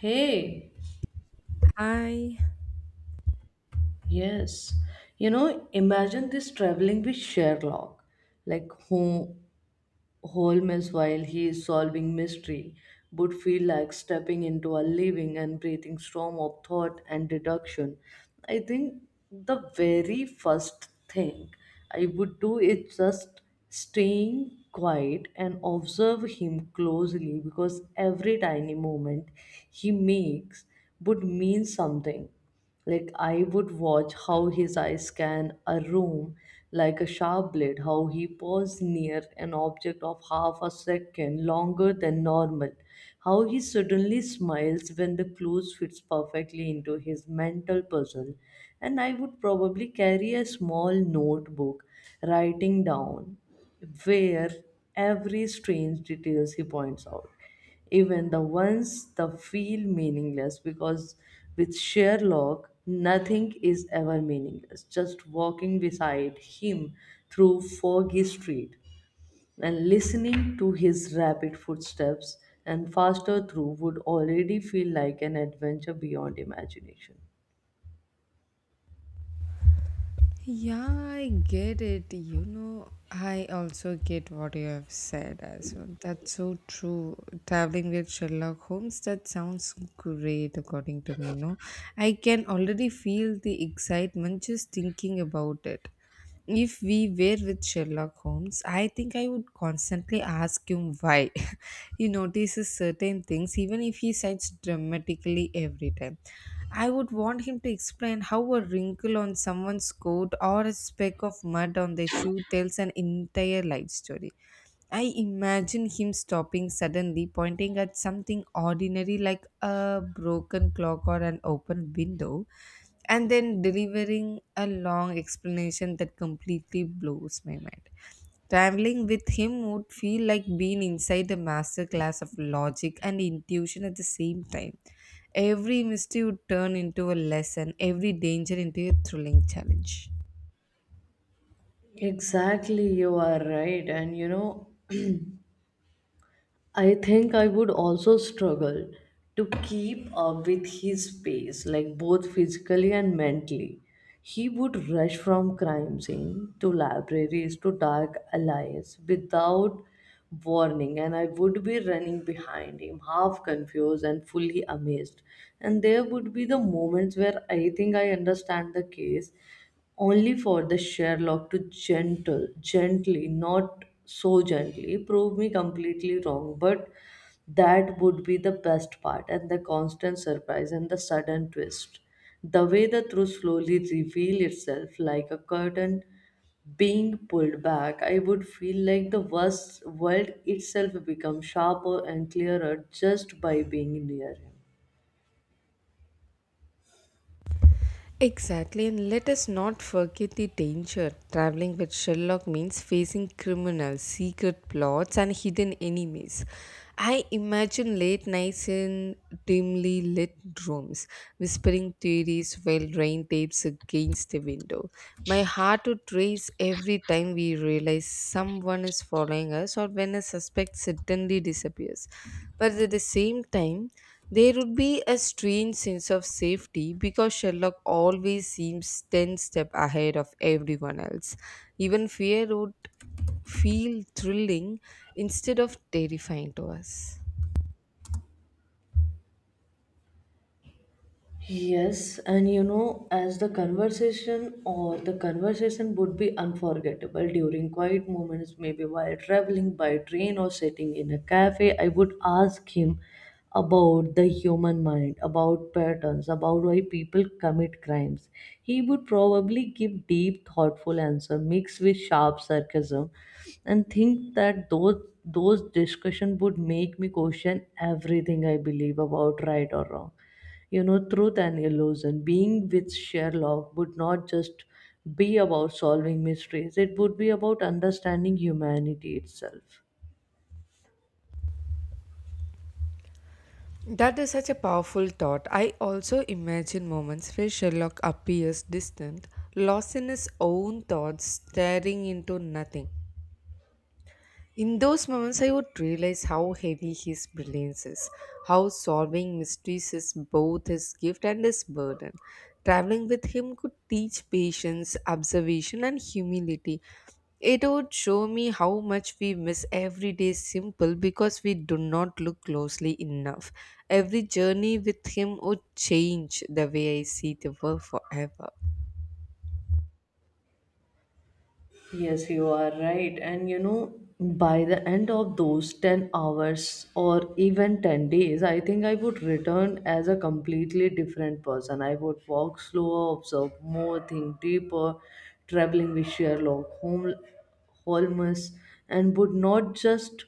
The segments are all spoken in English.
Hey, I, yes. Imagine this traveling with Sherlock, like who Holmes while he is solving mystery, would feel like stepping into a living and breathing storm of thought and deduction. I think the very first thing I would do is just staying quiet and observe him closely, because every tiny movement he makes would mean something. Like, I would watch how his eyes scan a room like a sharp blade, how he paused near an object of half a second longer than normal, how he suddenly smiles when the clues fits perfectly into his mental puzzle. And I would probably carry a small notebook, writing down where every strange details he points out, even the ones that feel meaningless, because with Sherlock nothing is ever meaningless. Just walking beside him through foggy street and listening to his rapid footsteps and faster through would already feel like an adventure beyond imagination. yeah, I get it. I also get what you have said as well. That's so true. Traveling with Sherlock Holmes, that sounds great according to me, no? I can already feel the excitement just thinking about it. If we were with Sherlock Holmes, I think I would constantly ask him why. He notices certain things, even if he cites dramatically every time. I would want him to explain how a wrinkle on someone's coat or a speck of mud on their shoe tells an entire life story. I imagine him stopping suddenly, pointing at something ordinary like a broken clock or an open window, and then delivering a long explanation that completely blows my mind. Traveling with him would feel like being inside a master class of logic and intuition at the same time. Every mystery would turn into a lesson, every danger into a thrilling challenge. Exactly, you are right. And I think I would also struggle to keep up with his pace, like both physically and mentally. He would rush from crime scene to libraries to dark alleys without warning, and I would be running behind him, half confused and fully amazed. And there would be the moments where I think I understand the case, only for the Sherlock to gently, not so gently, prove me completely wrong. But that would be the best part, and the constant surprise and the sudden twist. The way the truth slowly reveal itself like a curtain being pulled back, I would feel like the worst world itself becomes sharper and clearer just by being near him. Exactly, and let us not forget the danger. Traveling with Sherlock means facing criminals, secret plots, and hidden enemies. I imagine late nights in dimly lit rooms, whispering theories while rain tapes against the window. My heart would race every time we realize someone is following us or when a suspect suddenly disappears. But at the same time, there would be a strange sense of safety because Sherlock always seems 10 steps ahead of everyone else. Even fear would feel thrilling instead of terrifying to us. Yes, and as the conversation would be unforgettable during quiet moments, maybe while traveling by train or sitting in a cafe, I would ask him about the human mind, about patterns, about why people commit crimes. He would probably give deep, thoughtful answer mixed with sharp sarcasm, and think that those discussion would make me question everything I believe about right or wrong, truth and illusion. Being with Sherlock would not just be about solving mysteries, it would be about understanding humanity itself. That is such a powerful thought. I also imagine moments where Sherlock appears distant, lost in his own thoughts, staring into nothing. In those moments, I would realize how heavy his brilliance is, how solving mysteries is both his gift and his burden. Traveling with him could teach patience, observation, and humility. It would show me how much we miss every day simple because we do not look closely enough. Every journey with him would change the way I see the world forever. Yes, you are right. And by the end of those 10 hours or even 10 days, I think I would return as a completely different person. I would walk slower, observe more, think deeper. Traveling with Sherlock Holmes, and would not just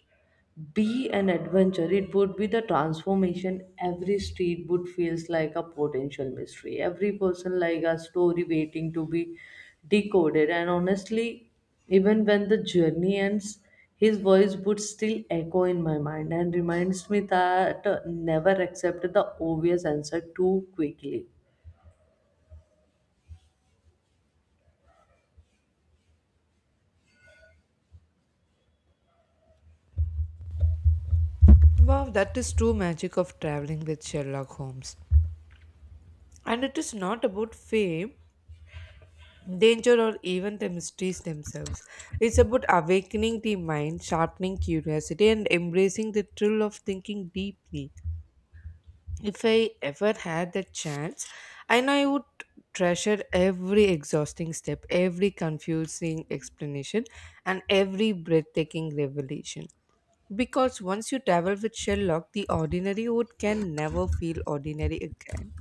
be an adventure, it would be the transformation. Every street would feels like a potential mystery, every person like a story waiting to be decoded. And honestly, even when the journey ends, his voice would still echo in my mind and reminds me that, never accept the obvious answer too quickly. Wow, that is true magic of traveling with Sherlock Holmes. And it is not about fame, danger or even the mysteries themselves. It's about awakening the mind, sharpening curiosity, and embracing the thrill of thinking deeply. If I ever had the chance, I know I would treasure every exhausting step, every confusing explanation, and every breathtaking revelation. Because once you travel with Sherlock, the ordinary wood can never feel ordinary again.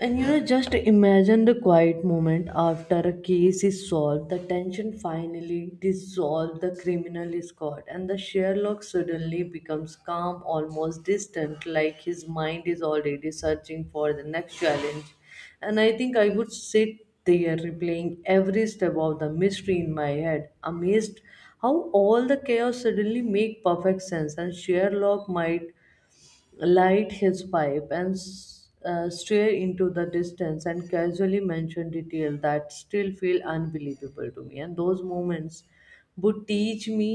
And just imagine the quiet moment after a case is solved, the tension finally dissolves, the criminal is caught, and the Sherlock suddenly becomes calm, almost distant, like his mind is already searching for the next challenge. And I think I would sit there replaying every step of the mystery in my head, amazed how all the chaos suddenly make perfect sense. And Sherlock might light his pipe and stare into the distance and casually mention detail that still feel unbelievable to me. And those moments would teach me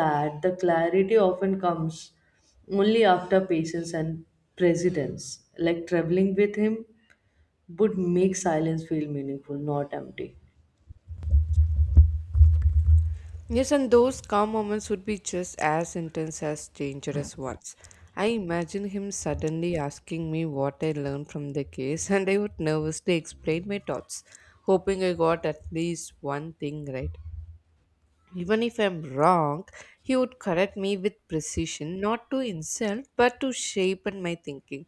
that the clarity often comes only after patience and precedence. Like, traveling with him would make silence feel meaningful, not empty. Yes, and those calm moments would be just as intense as dangerous ones. I imagine him suddenly asking me what I learned from the case, and I would nervously explain my thoughts, hoping I got at least one thing right. Even if I'm wrong, he would correct me with precision, not to insult, but to shape in my thinking.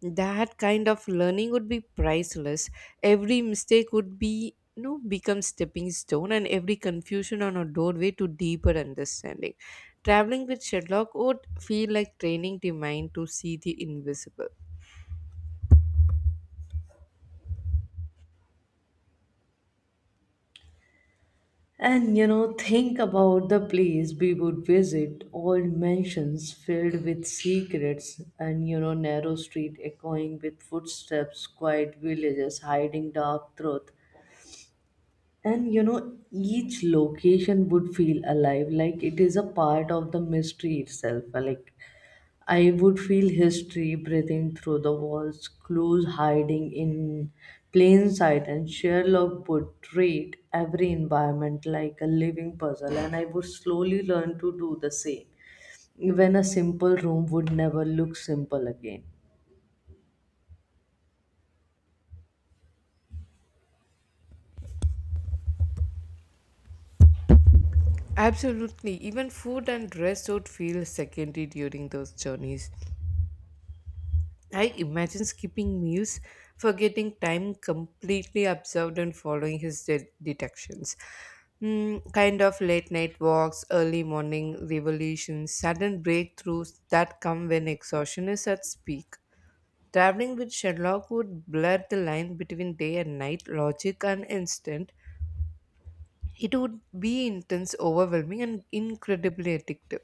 That kind of learning would be priceless. Every mistake would be become stepping stone and every confusion on a doorway to deeper understanding. Traveling with Sherlock would feel like training the mind to see the invisible. And think about the place we would visit, old mansions filled with secrets, and narrow street echoing with footsteps, quiet villages hiding dark truth. And each location would feel alive, like it is a part of the mystery itself. Like, I would feel history breathing through the walls, clues hiding in plain sight, and Sherlock would treat every environment like a living puzzle, and I would slowly learn to do the same. Even a simple room would never look simple again. Absolutely. Even food and rest would feel secondary during those journeys. I imagine skipping meals, forgetting time completely observed and following his detections. Kind of late night walks, early morning revelations, sudden breakthroughs that come when exhaustion is at peak. Traveling with Sherlock would blur the line between day and night, logic and instinct. It would be intense, overwhelming, and incredibly addictive.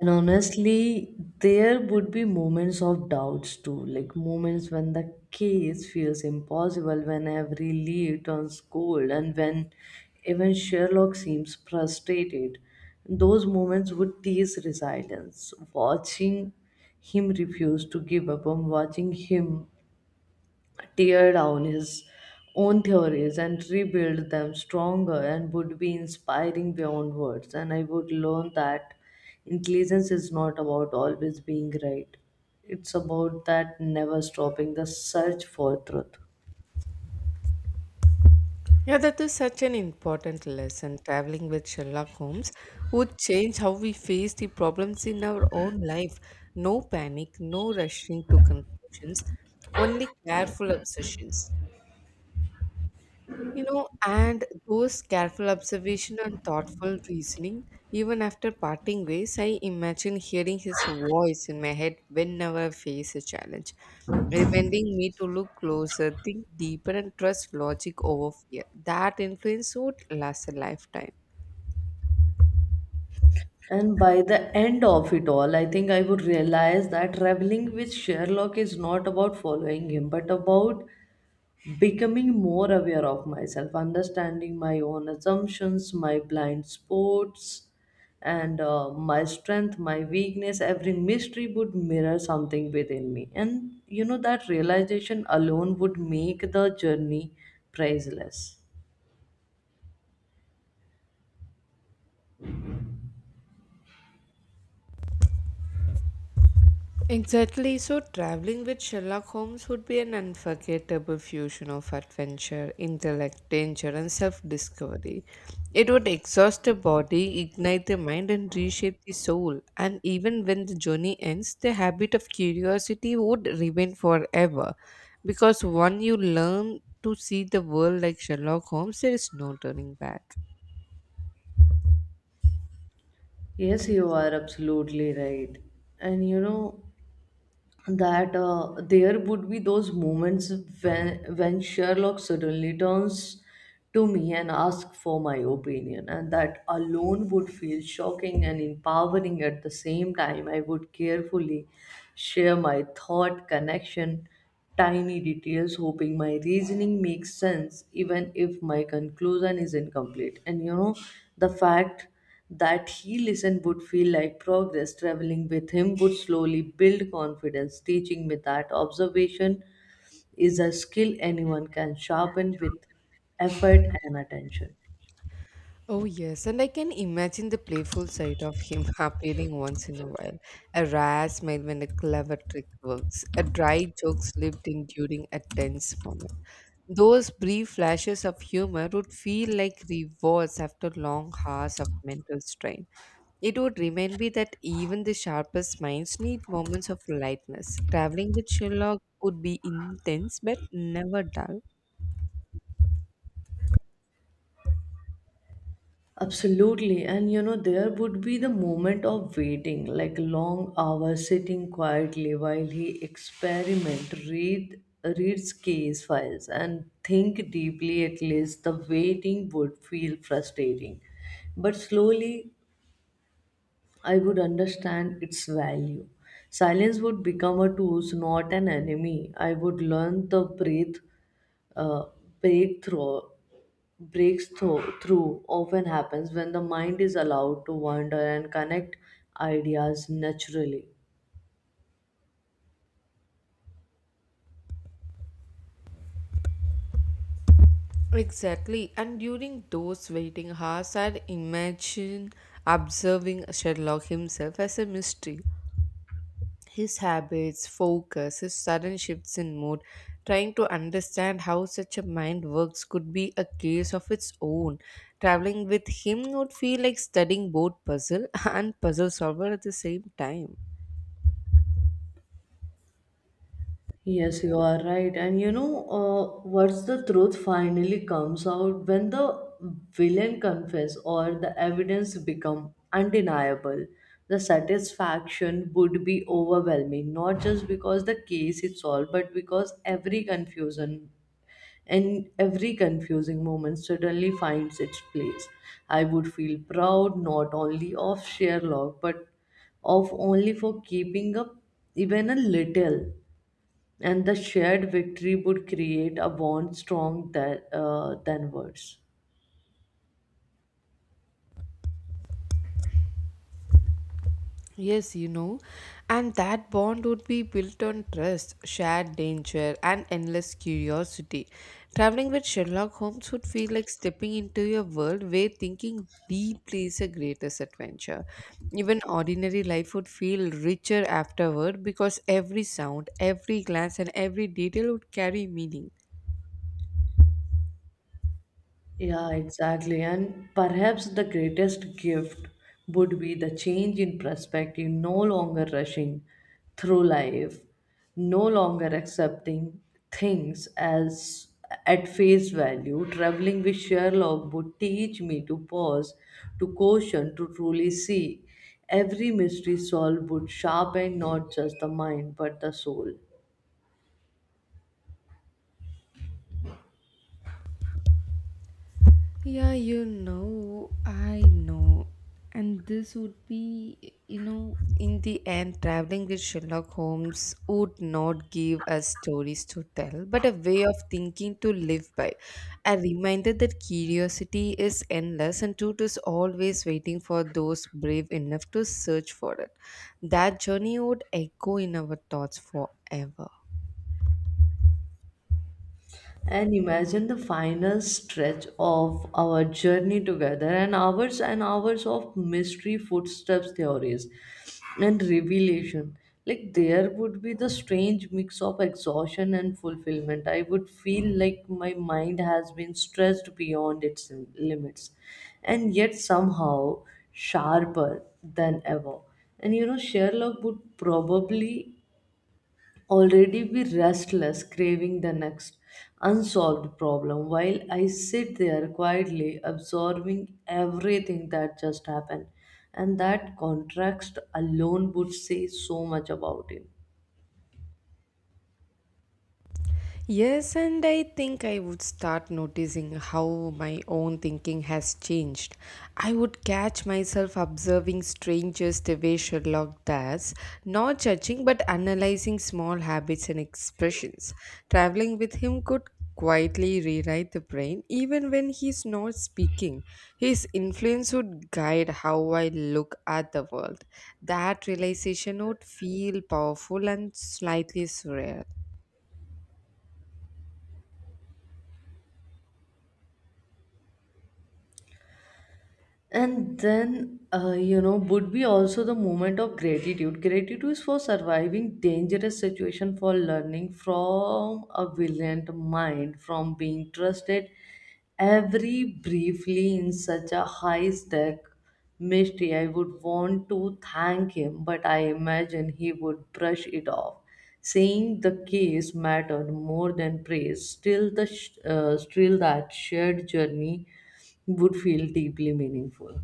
And honestly, there would be moments of doubts too, like moments when the case feels impossible, when every lead turns cold, and when even Sherlock seems frustrated. Those moments would tease resilience. Watching him refuse to give up, and watching him tear down his own theories and rebuild them stronger and would be inspiring beyond words. And I would learn that intelligence is not about always being right, it's about that never stopping the search for truth. Yeah, that is such an important lesson. Traveling with Sherlock Holmes would change how we face the problems in our own life. No panic, no rushing to conclusions, only careful obsessions. And those careful observation and thoughtful reasoning, even after parting ways, I imagine hearing his voice in my head whenever I face a challenge, reminding me to look closer, think deeper, and trust logic over fear. That influence would last a lifetime. And by the end of it all, I think I would realize that traveling with Sherlock is not about following him, but about becoming more aware of myself, understanding my own assumptions, my blind spots, and my strength, my weakness. Every mystery would mirror something within me. And that realization alone would make the journey priceless. Exactly. So, traveling with Sherlock Holmes would be an unforgettable fusion of adventure, intellect, danger, and self discovery. It would exhaust the body, ignite the mind, and reshape the soul. And even when the journey ends, the habit of curiosity would remain forever. Because when you learn to see the world like Sherlock Holmes, there is no turning back. Yes, you are absolutely right. And that there would be those moments when Sherlock suddenly turns to me and asks for my opinion, and that alone would feel shocking and empowering at the same time. I would carefully share my thought connection tiny details, hoping my reasoning makes sense, even if my conclusion is incomplete. And the fact that he listened would feel like progress. Traveling with him would slowly build confidence, teaching me that observation is a skill anyone can sharpen with effort and attention. Oh, yes, and I can imagine the playful side of him appearing once in a while. A rare smile when a clever trick works, a dry joke slipped in during a tense moment. Those brief flashes of humor would feel like rewards after long hours of mental strain. It would remind me that even the sharpest minds need moments of lightness. Traveling with Sherlock would be intense but never dull. Absolutely. And there would be the moment of waiting, like long hours sitting quietly while he experiment, reads case files and think deeply. At least the waiting would feel frustrating. But slowly I would understand its value. Silence would become a tool, not an enemy. I would learn the breath, uh, breakthrough, breaks through, through often happens when the mind is allowed to wander and connect ideas naturally. Exactly. And during those waiting hours, I'd imagine observing Sherlock himself as a mystery. His habits, focus, his sudden shifts in mood, trying to understand how such a mind works could be a case of its own. Traveling with him would feel like studying both puzzle and puzzle solver at the same time. Yes, you are right. And what's the truth finally comes out when the villain confess or the evidence become undeniable. The satisfaction would be overwhelming, not just because the case is solved, but because every confusion and every confusing moment suddenly finds its place. I would feel proud not only of Sherlock, but of only for keeping up even a little. And the shared victory would create a bond strong that, than words. Yes, and that bond would be built on trust, shared danger, and endless curiosity. Traveling with Sherlock Holmes would feel like stepping into a world where thinking deeply is the greatest adventure. Even ordinary life would feel richer afterward because every sound, every glance, and every detail would carry meaning. Yeah, exactly. And perhaps the greatest gift would be the change in perspective, no longer rushing through life, no longer accepting things as at face value. Traveling with Sherlock would teach me to pause, to caution, to truly see. Every mystery solved would sharpen not just the mind but the soul. Yeah, I know. And this would be, in the end, traveling with Sherlock Holmes would not give us stories to tell, but a way of thinking to live by. A reminder that curiosity is endless and truth is always waiting for those brave enough to search for it. That journey would echo in our thoughts forever. And imagine the final stretch of our journey together, and hours of mystery footsteps theories and revelation. Like, there would be the strange mix of exhaustion and fulfillment. I would feel like my mind has been stretched beyond its limits, and yet somehow sharper than ever. And Sherlock would probably already be restless, craving the next unsolved problem, while I sit there quietly absorbing everything that just happened. And that contrast alone would say so much about him. Yes, and I think I would start noticing how my own thinking has changed. I would catch myself observing strangers the way Sherlock does, not judging but analyzing small habits and expressions. Traveling with him could quietly rewrite the brain even when he's not speaking. His influence would guide how I look at the world. That realization would feel powerful and slightly surreal. And then, would be also the moment of gratitude. Gratitude is for surviving dangerous situation, for learning from a brilliant mind, from being trusted every briefly in such a high stack mystery. I would want to thank him, but I imagine he would brush it off, saying the case mattered more than praise. Still, that shared journey would feel deeply meaningful.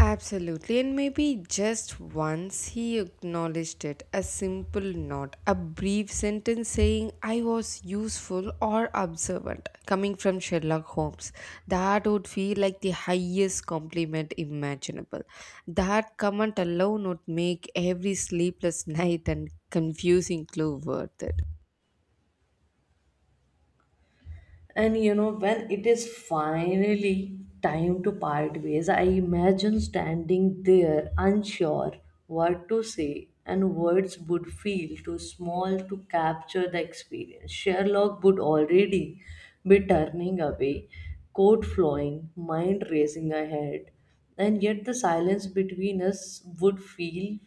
Absolutely, and maybe just once he acknowledged it. A simple nod, a brief sentence saying, I was useful or observant, coming from Sherlock Holmes. That would feel like the highest compliment imaginable. That comment alone would make every sleepless night and confusing clue worth it. And when it is finally time to part ways, I imagine standing there unsure what to say, and words would feel too small to capture the experience. Sherlock would already be turning away, coat flowing, mind racing ahead, and yet the silence between us would feel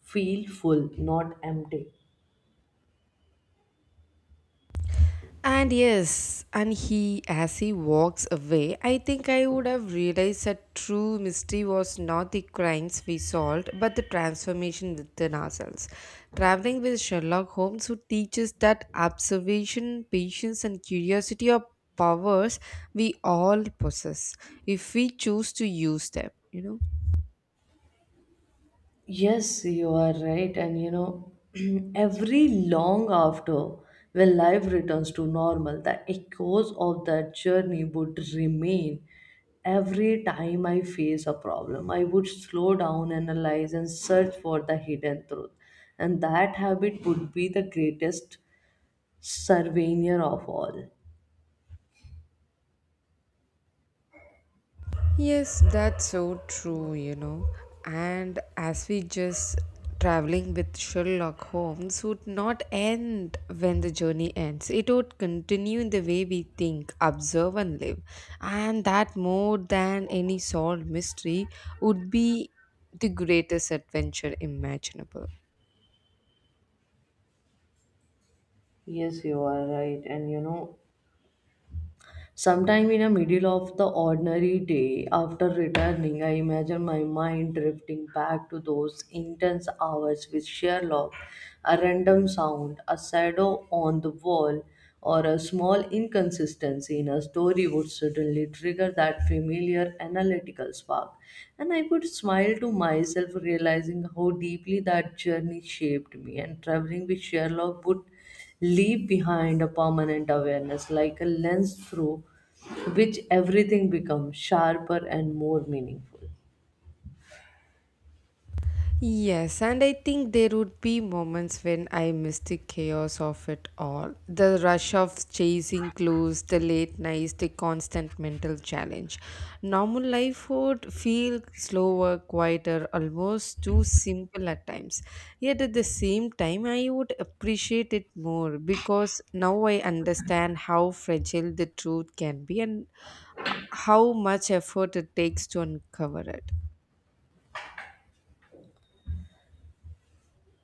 feel full, not empty. And yes, as he walks away, I think I would have realized that true mystery was not the crimes we solved, but the transformation within ourselves. Traveling with Sherlock Holmes, who teaches that observation, patience, and curiosity are powers we all possess if we choose to use them. Yes, you are right. And every long after, when life returns to normal, the echoes of that journey would remain. Every time I face a problem, I would slow down, analyze, and search for the hidden truth. And that habit would be the greatest surveyor of all. Yes, that's so true. And as we just traveling with Sherlock Holmes would not end when the journey ends. It would continue in the way we think, observe, and live. And that more than any solved mystery would be the greatest adventure imaginable. Yes, you are right. And sometime in the middle of the ordinary day, after returning, I imagine my mind drifting back to those intense hours with Sherlock, a random sound, a shadow on the wall, or a small inconsistency in a story would suddenly trigger that familiar analytical spark. And I would smile to myself, realizing how deeply that journey shaped me, and traveling with Sherlock would leave behind a permanent awareness, like a lens through which everything becomes sharper and more meaningful. Yes, and I think there would be moments when I miss the chaos of it all. The rush of chasing clues, the late nights, the constant mental challenge. Normal life would feel slower, quieter, almost too simple at times. Yet at the same time, I would appreciate it more because now I understand how fragile the truth can be and how much effort it takes to uncover it.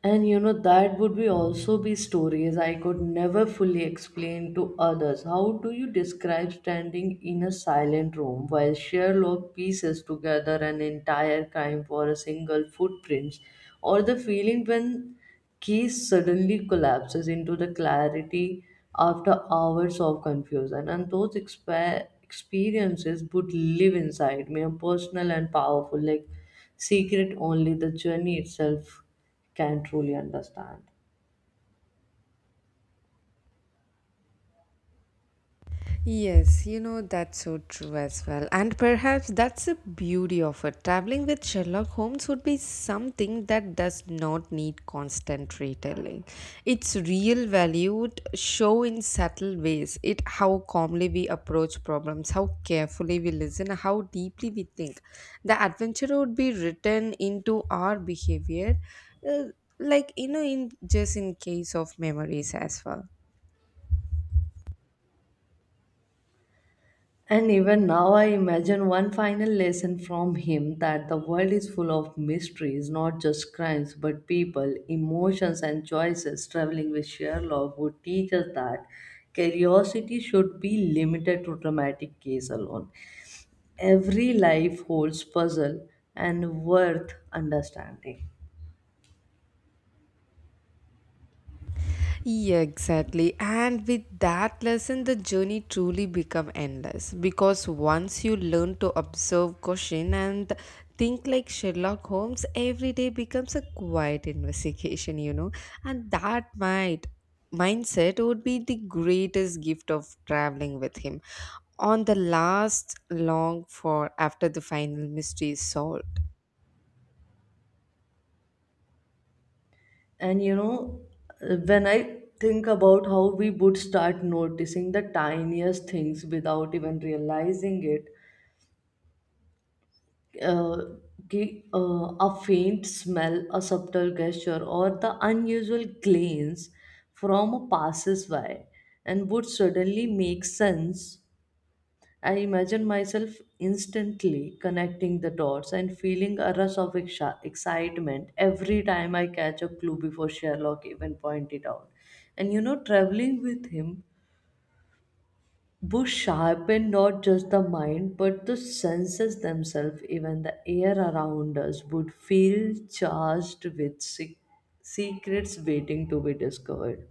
And that would be also be stories I could never fully explain to others. How do you describe standing in a silent room while Sherlock pieces together an entire crime for a single footprint, or the feeling when case suddenly collapses into the clarity after hours of confusion? And those experiences would live inside me, a personal and powerful, like secret only the journey itself can truly understand. Yes, that's so true as well. And perhaps that's the beauty of it. Traveling with Sherlock Holmes would be something that does not need constant retelling. Its real value would show in subtle ways. It how calmly we approach problems, how carefully we listen, how deeply we think. The adventure would be written into our behavior, uh, like in just in case of memories as well. And even now, I imagine one final lesson from him that the world is full of mysteries, not just crimes, but people, emotions, and choices. Traveling with Sherlock would teach us that curiosity should be limited to dramatic case alone. Every life holds puzzle and worth understanding. Yeah, exactly. And with that lesson, the journey truly become endless because once you learn to observe, question, and think like Sherlock Holmes, every day becomes a quiet investigation. And that might mindset would be the greatest gift of traveling with him on the last long for after the final mystery is solved. And you know, when I think about how we would start noticing the tiniest things without even realizing it, uh, a faint smell, a subtle gesture, or the unusual glance from a passersby, and would suddenly make sense. I imagine myself instantly connecting the dots and feeling a rush of excitement every time I catch a clue before Sherlock even point it out. And you know, traveling with him would sharpen not just the mind but the senses themselves. Even the air around us would feel charged with secrets waiting to be discovered.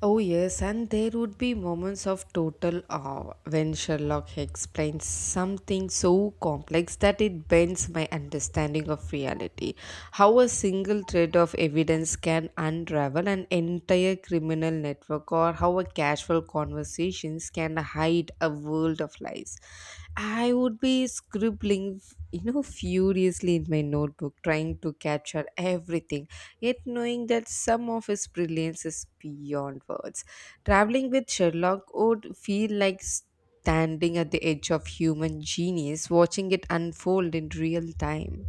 Oh, yes, and there would be moments of total awe when Sherlock explains something so complex that it bends my understanding of reality. How a single thread of evidence can unravel an entire criminal network, or how a casual conversations can hide a world of lies. I would be scribbling, furiously in my notebook, trying to capture everything, yet knowing that some of his brilliance is beyond words. Traveling with Sherlock would feel like standing at the edge of human genius, watching it unfold in real time.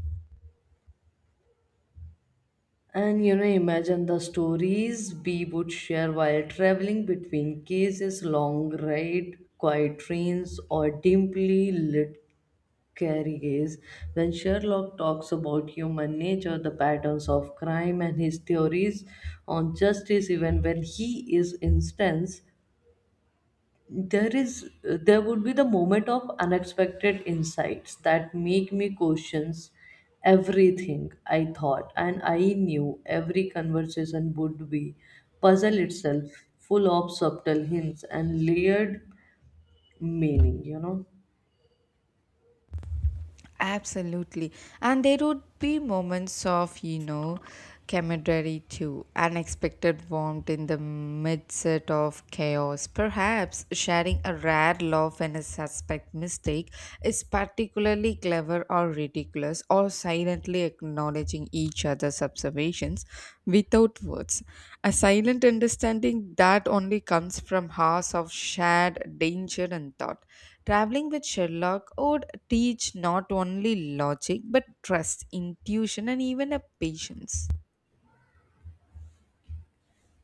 And you know, imagine the stories we would share while traveling between cases, long ride, quiet trains, or dimly lit carriages. When Sherlock talks about human nature, the patterns of crime, and his theories on justice, even when he is instance, there would be the moment of unexpected insights that make me questions everything I thought and I knew. Every conversation would be puzzle itself, full of subtle hints and layered meaning, you know. Absolutely. And there would be moments of, camaraderie too, unexpected warmth in the midst of chaos. Perhaps sharing a rare laugh and a suspect mistake is particularly clever or ridiculous, or silently acknowledging each other's observations without words. A silent understanding that only comes from hours of shared danger and thought. Traveling with Sherlock would teach not only logic but trust, intuition, and even a patience.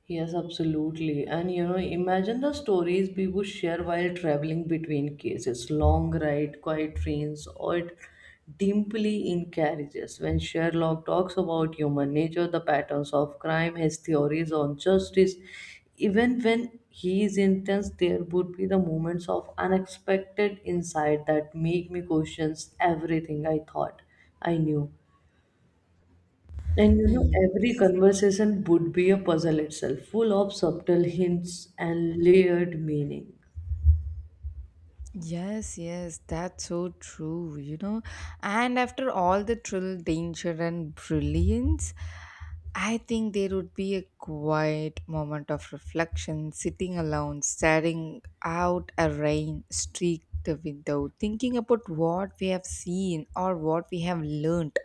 Yes, absolutely. And you know, imagine the stories we would share while traveling between cases, long ride, quiet trains, or dimly in carriages. When Sherlock talks about human nature, the patterns of crime, his theories on justice, even when he is intense, there would be the moments of unexpected insight that make me question everything I thought I knew. And you know, every Yes. conversation would be a puzzle itself, full of subtle hints and layered meaning. Yes, yes, that's so true. And after all the thrill, danger, and brilliance, I think there would be a quiet moment of reflection, sitting alone, staring out a rain streaked window, thinking about what we have seen or what we have learned.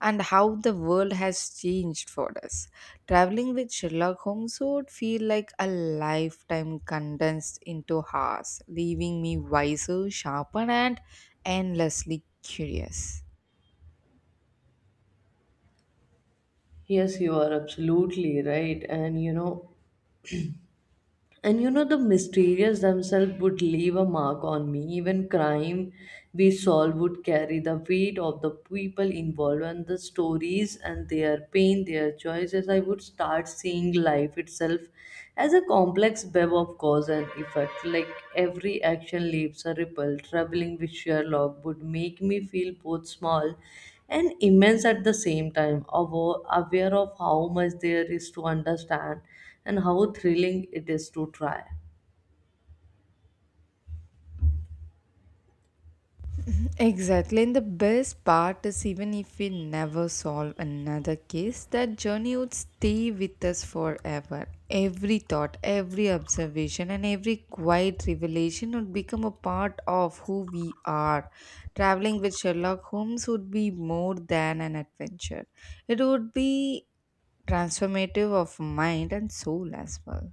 And how the world has changed for us. Traveling with Sherlock Holmes would feel like a lifetime condensed into hours, leaving me wiser, sharper, and endlessly curious. Yes, you are absolutely right. And you know, the mysterious themselves would leave a mark on me. Even crime we solve would carry the weight of the people involved and the stories and their pain, their choices. I would start seeing life itself as a complex web of cause and effect. Like every action leaves a ripple. Traveling with Sherlock would make me feel both small and immense at the same time, aware of how much there is to understand and how thrilling it is to try. Exactly, and the best part is even if we never solve another case, that journey would stay with us forever. Every thought, every observation, and every quiet revelation would become a part of who we are. Traveling with Sherlock Holmes would be more than an adventure, it would be transformative of mind and soul as well.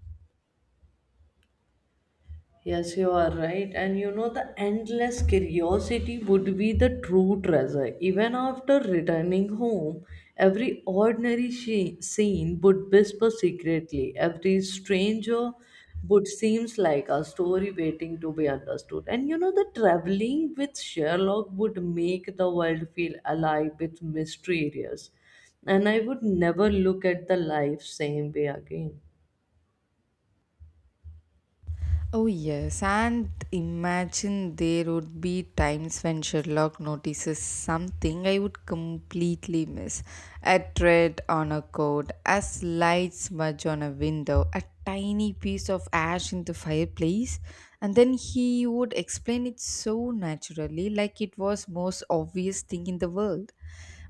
Yes, you are right. And you know, the endless curiosity would be the true treasure. Even after returning home, every ordinary scene would whisper secretly. Every stranger would seems like a story waiting to be understood. And you know, the traveling with Sherlock would make the world feel alive with mysterious. And I would never look at the life same way again. Oh, yes, and imagine there would be times when Sherlock notices something I would completely miss. A thread on a coat, a slight smudge on a window, a tiny piece of ash in the fireplace, and then he would explain it so naturally, like it was most obvious thing in the world.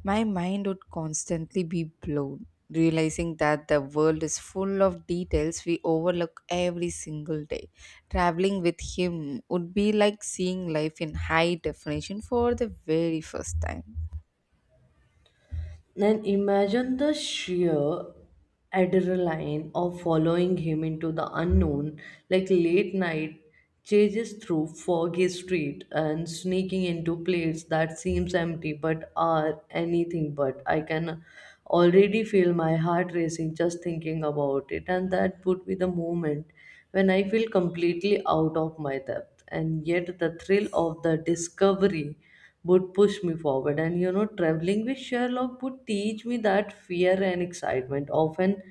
My mind would constantly be blown realizing that the world is full of details we overlook every single day. Traveling with him would be like seeing life in high definition for the very first time. Then imagine the sheer adrenaline of following him into the unknown, like late night chases through foggy street and sneaking into places that seems empty but are anything but. I can already feel my heart racing just thinking about it, and that would be the moment when I feel completely out of my depth. And yet, the thrill of the discovery would push me forward. And you know, traveling with Sherlock would teach me that fear and excitement often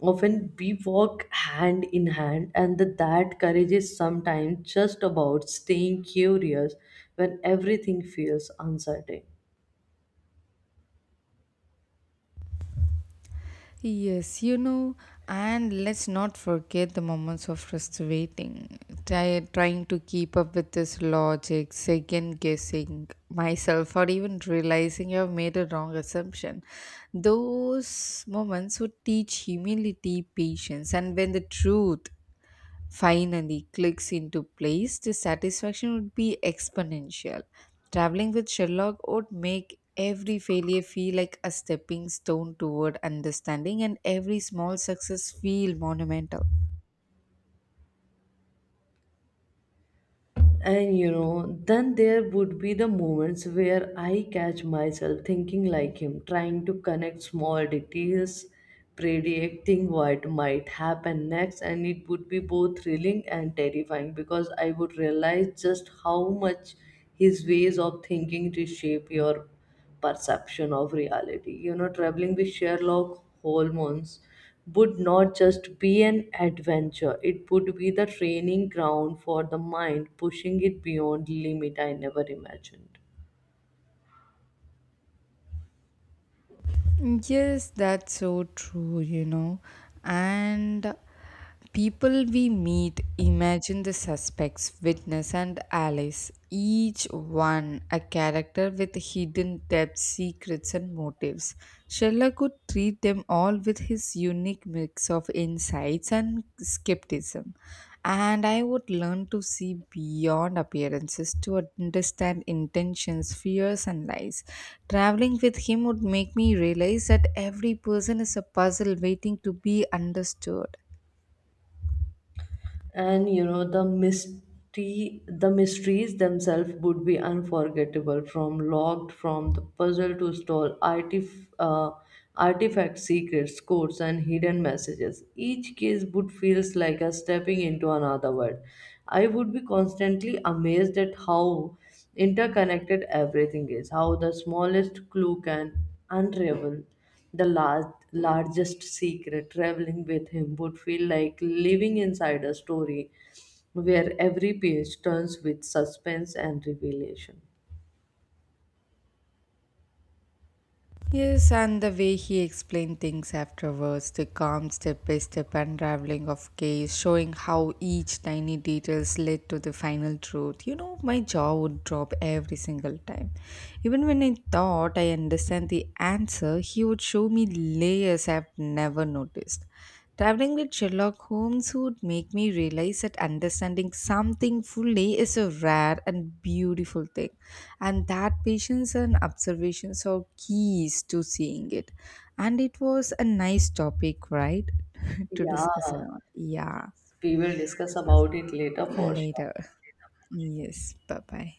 often we walk hand in hand, and that courage is sometimes just about staying curious when everything feels uncertain. Yes, and let's not forget the moments of just waiting, trying to keep up with this logic, second guessing myself, or even realizing I've made a wrong assumption. Those moments would teach humility, patience, and when the truth finally clicks into place, the satisfaction would be exponential. Traveling with Sherlock would make every failure feel like a stepping stone toward understanding and every small success feel monumental. And you know, then there would be the moments where I catch myself thinking like him, trying to connect small details, predicting what might happen next, and it would be both thrilling and terrifying because I would realize just how much his ways of thinking reshape your perception of reality. You know, traveling with Sherlock Holmes would not just be an adventure, it would be the training ground for the mind, pushing it beyond limit I never imagined. Yes, that's so true. And people we meet imagine the suspects, witness, and allies, each one a character with hidden depths, secrets, and motives. Sherlock could treat them all with his unique mix of insights and skepticism and I would learn to see beyond appearances to understand intentions, fears, and lies. Traveling with him would make me realize that every person is a puzzle waiting to be understood. And you know, the mysteries themselves would be unforgettable, from locked from the puzzle to stall artifact secrets, codes, and hidden messages. Each case would feels like a stepping into another world. I would be constantly amazed at how interconnected everything is, how the smallest clue can unravel the largest secret. Traveling with him would feel like living inside a story where every page turns with suspense and revelation. Yes, and the way he explained things afterwards, the calm step by step unraveling of case, showing how each tiny details led to the final truth. My jaw would drop every single time. Even when I thought I understand the answer, he would show me layers I've never noticed. Traveling with Sherlock Holmes would make me realize that understanding something fully is a rare and beautiful thing, and that patience and observations are keys to seeing it. And it was a nice topic, right? To discuss Yeah, around. Yeah, we will discuss about it later for sure. later. Yes, bye bye.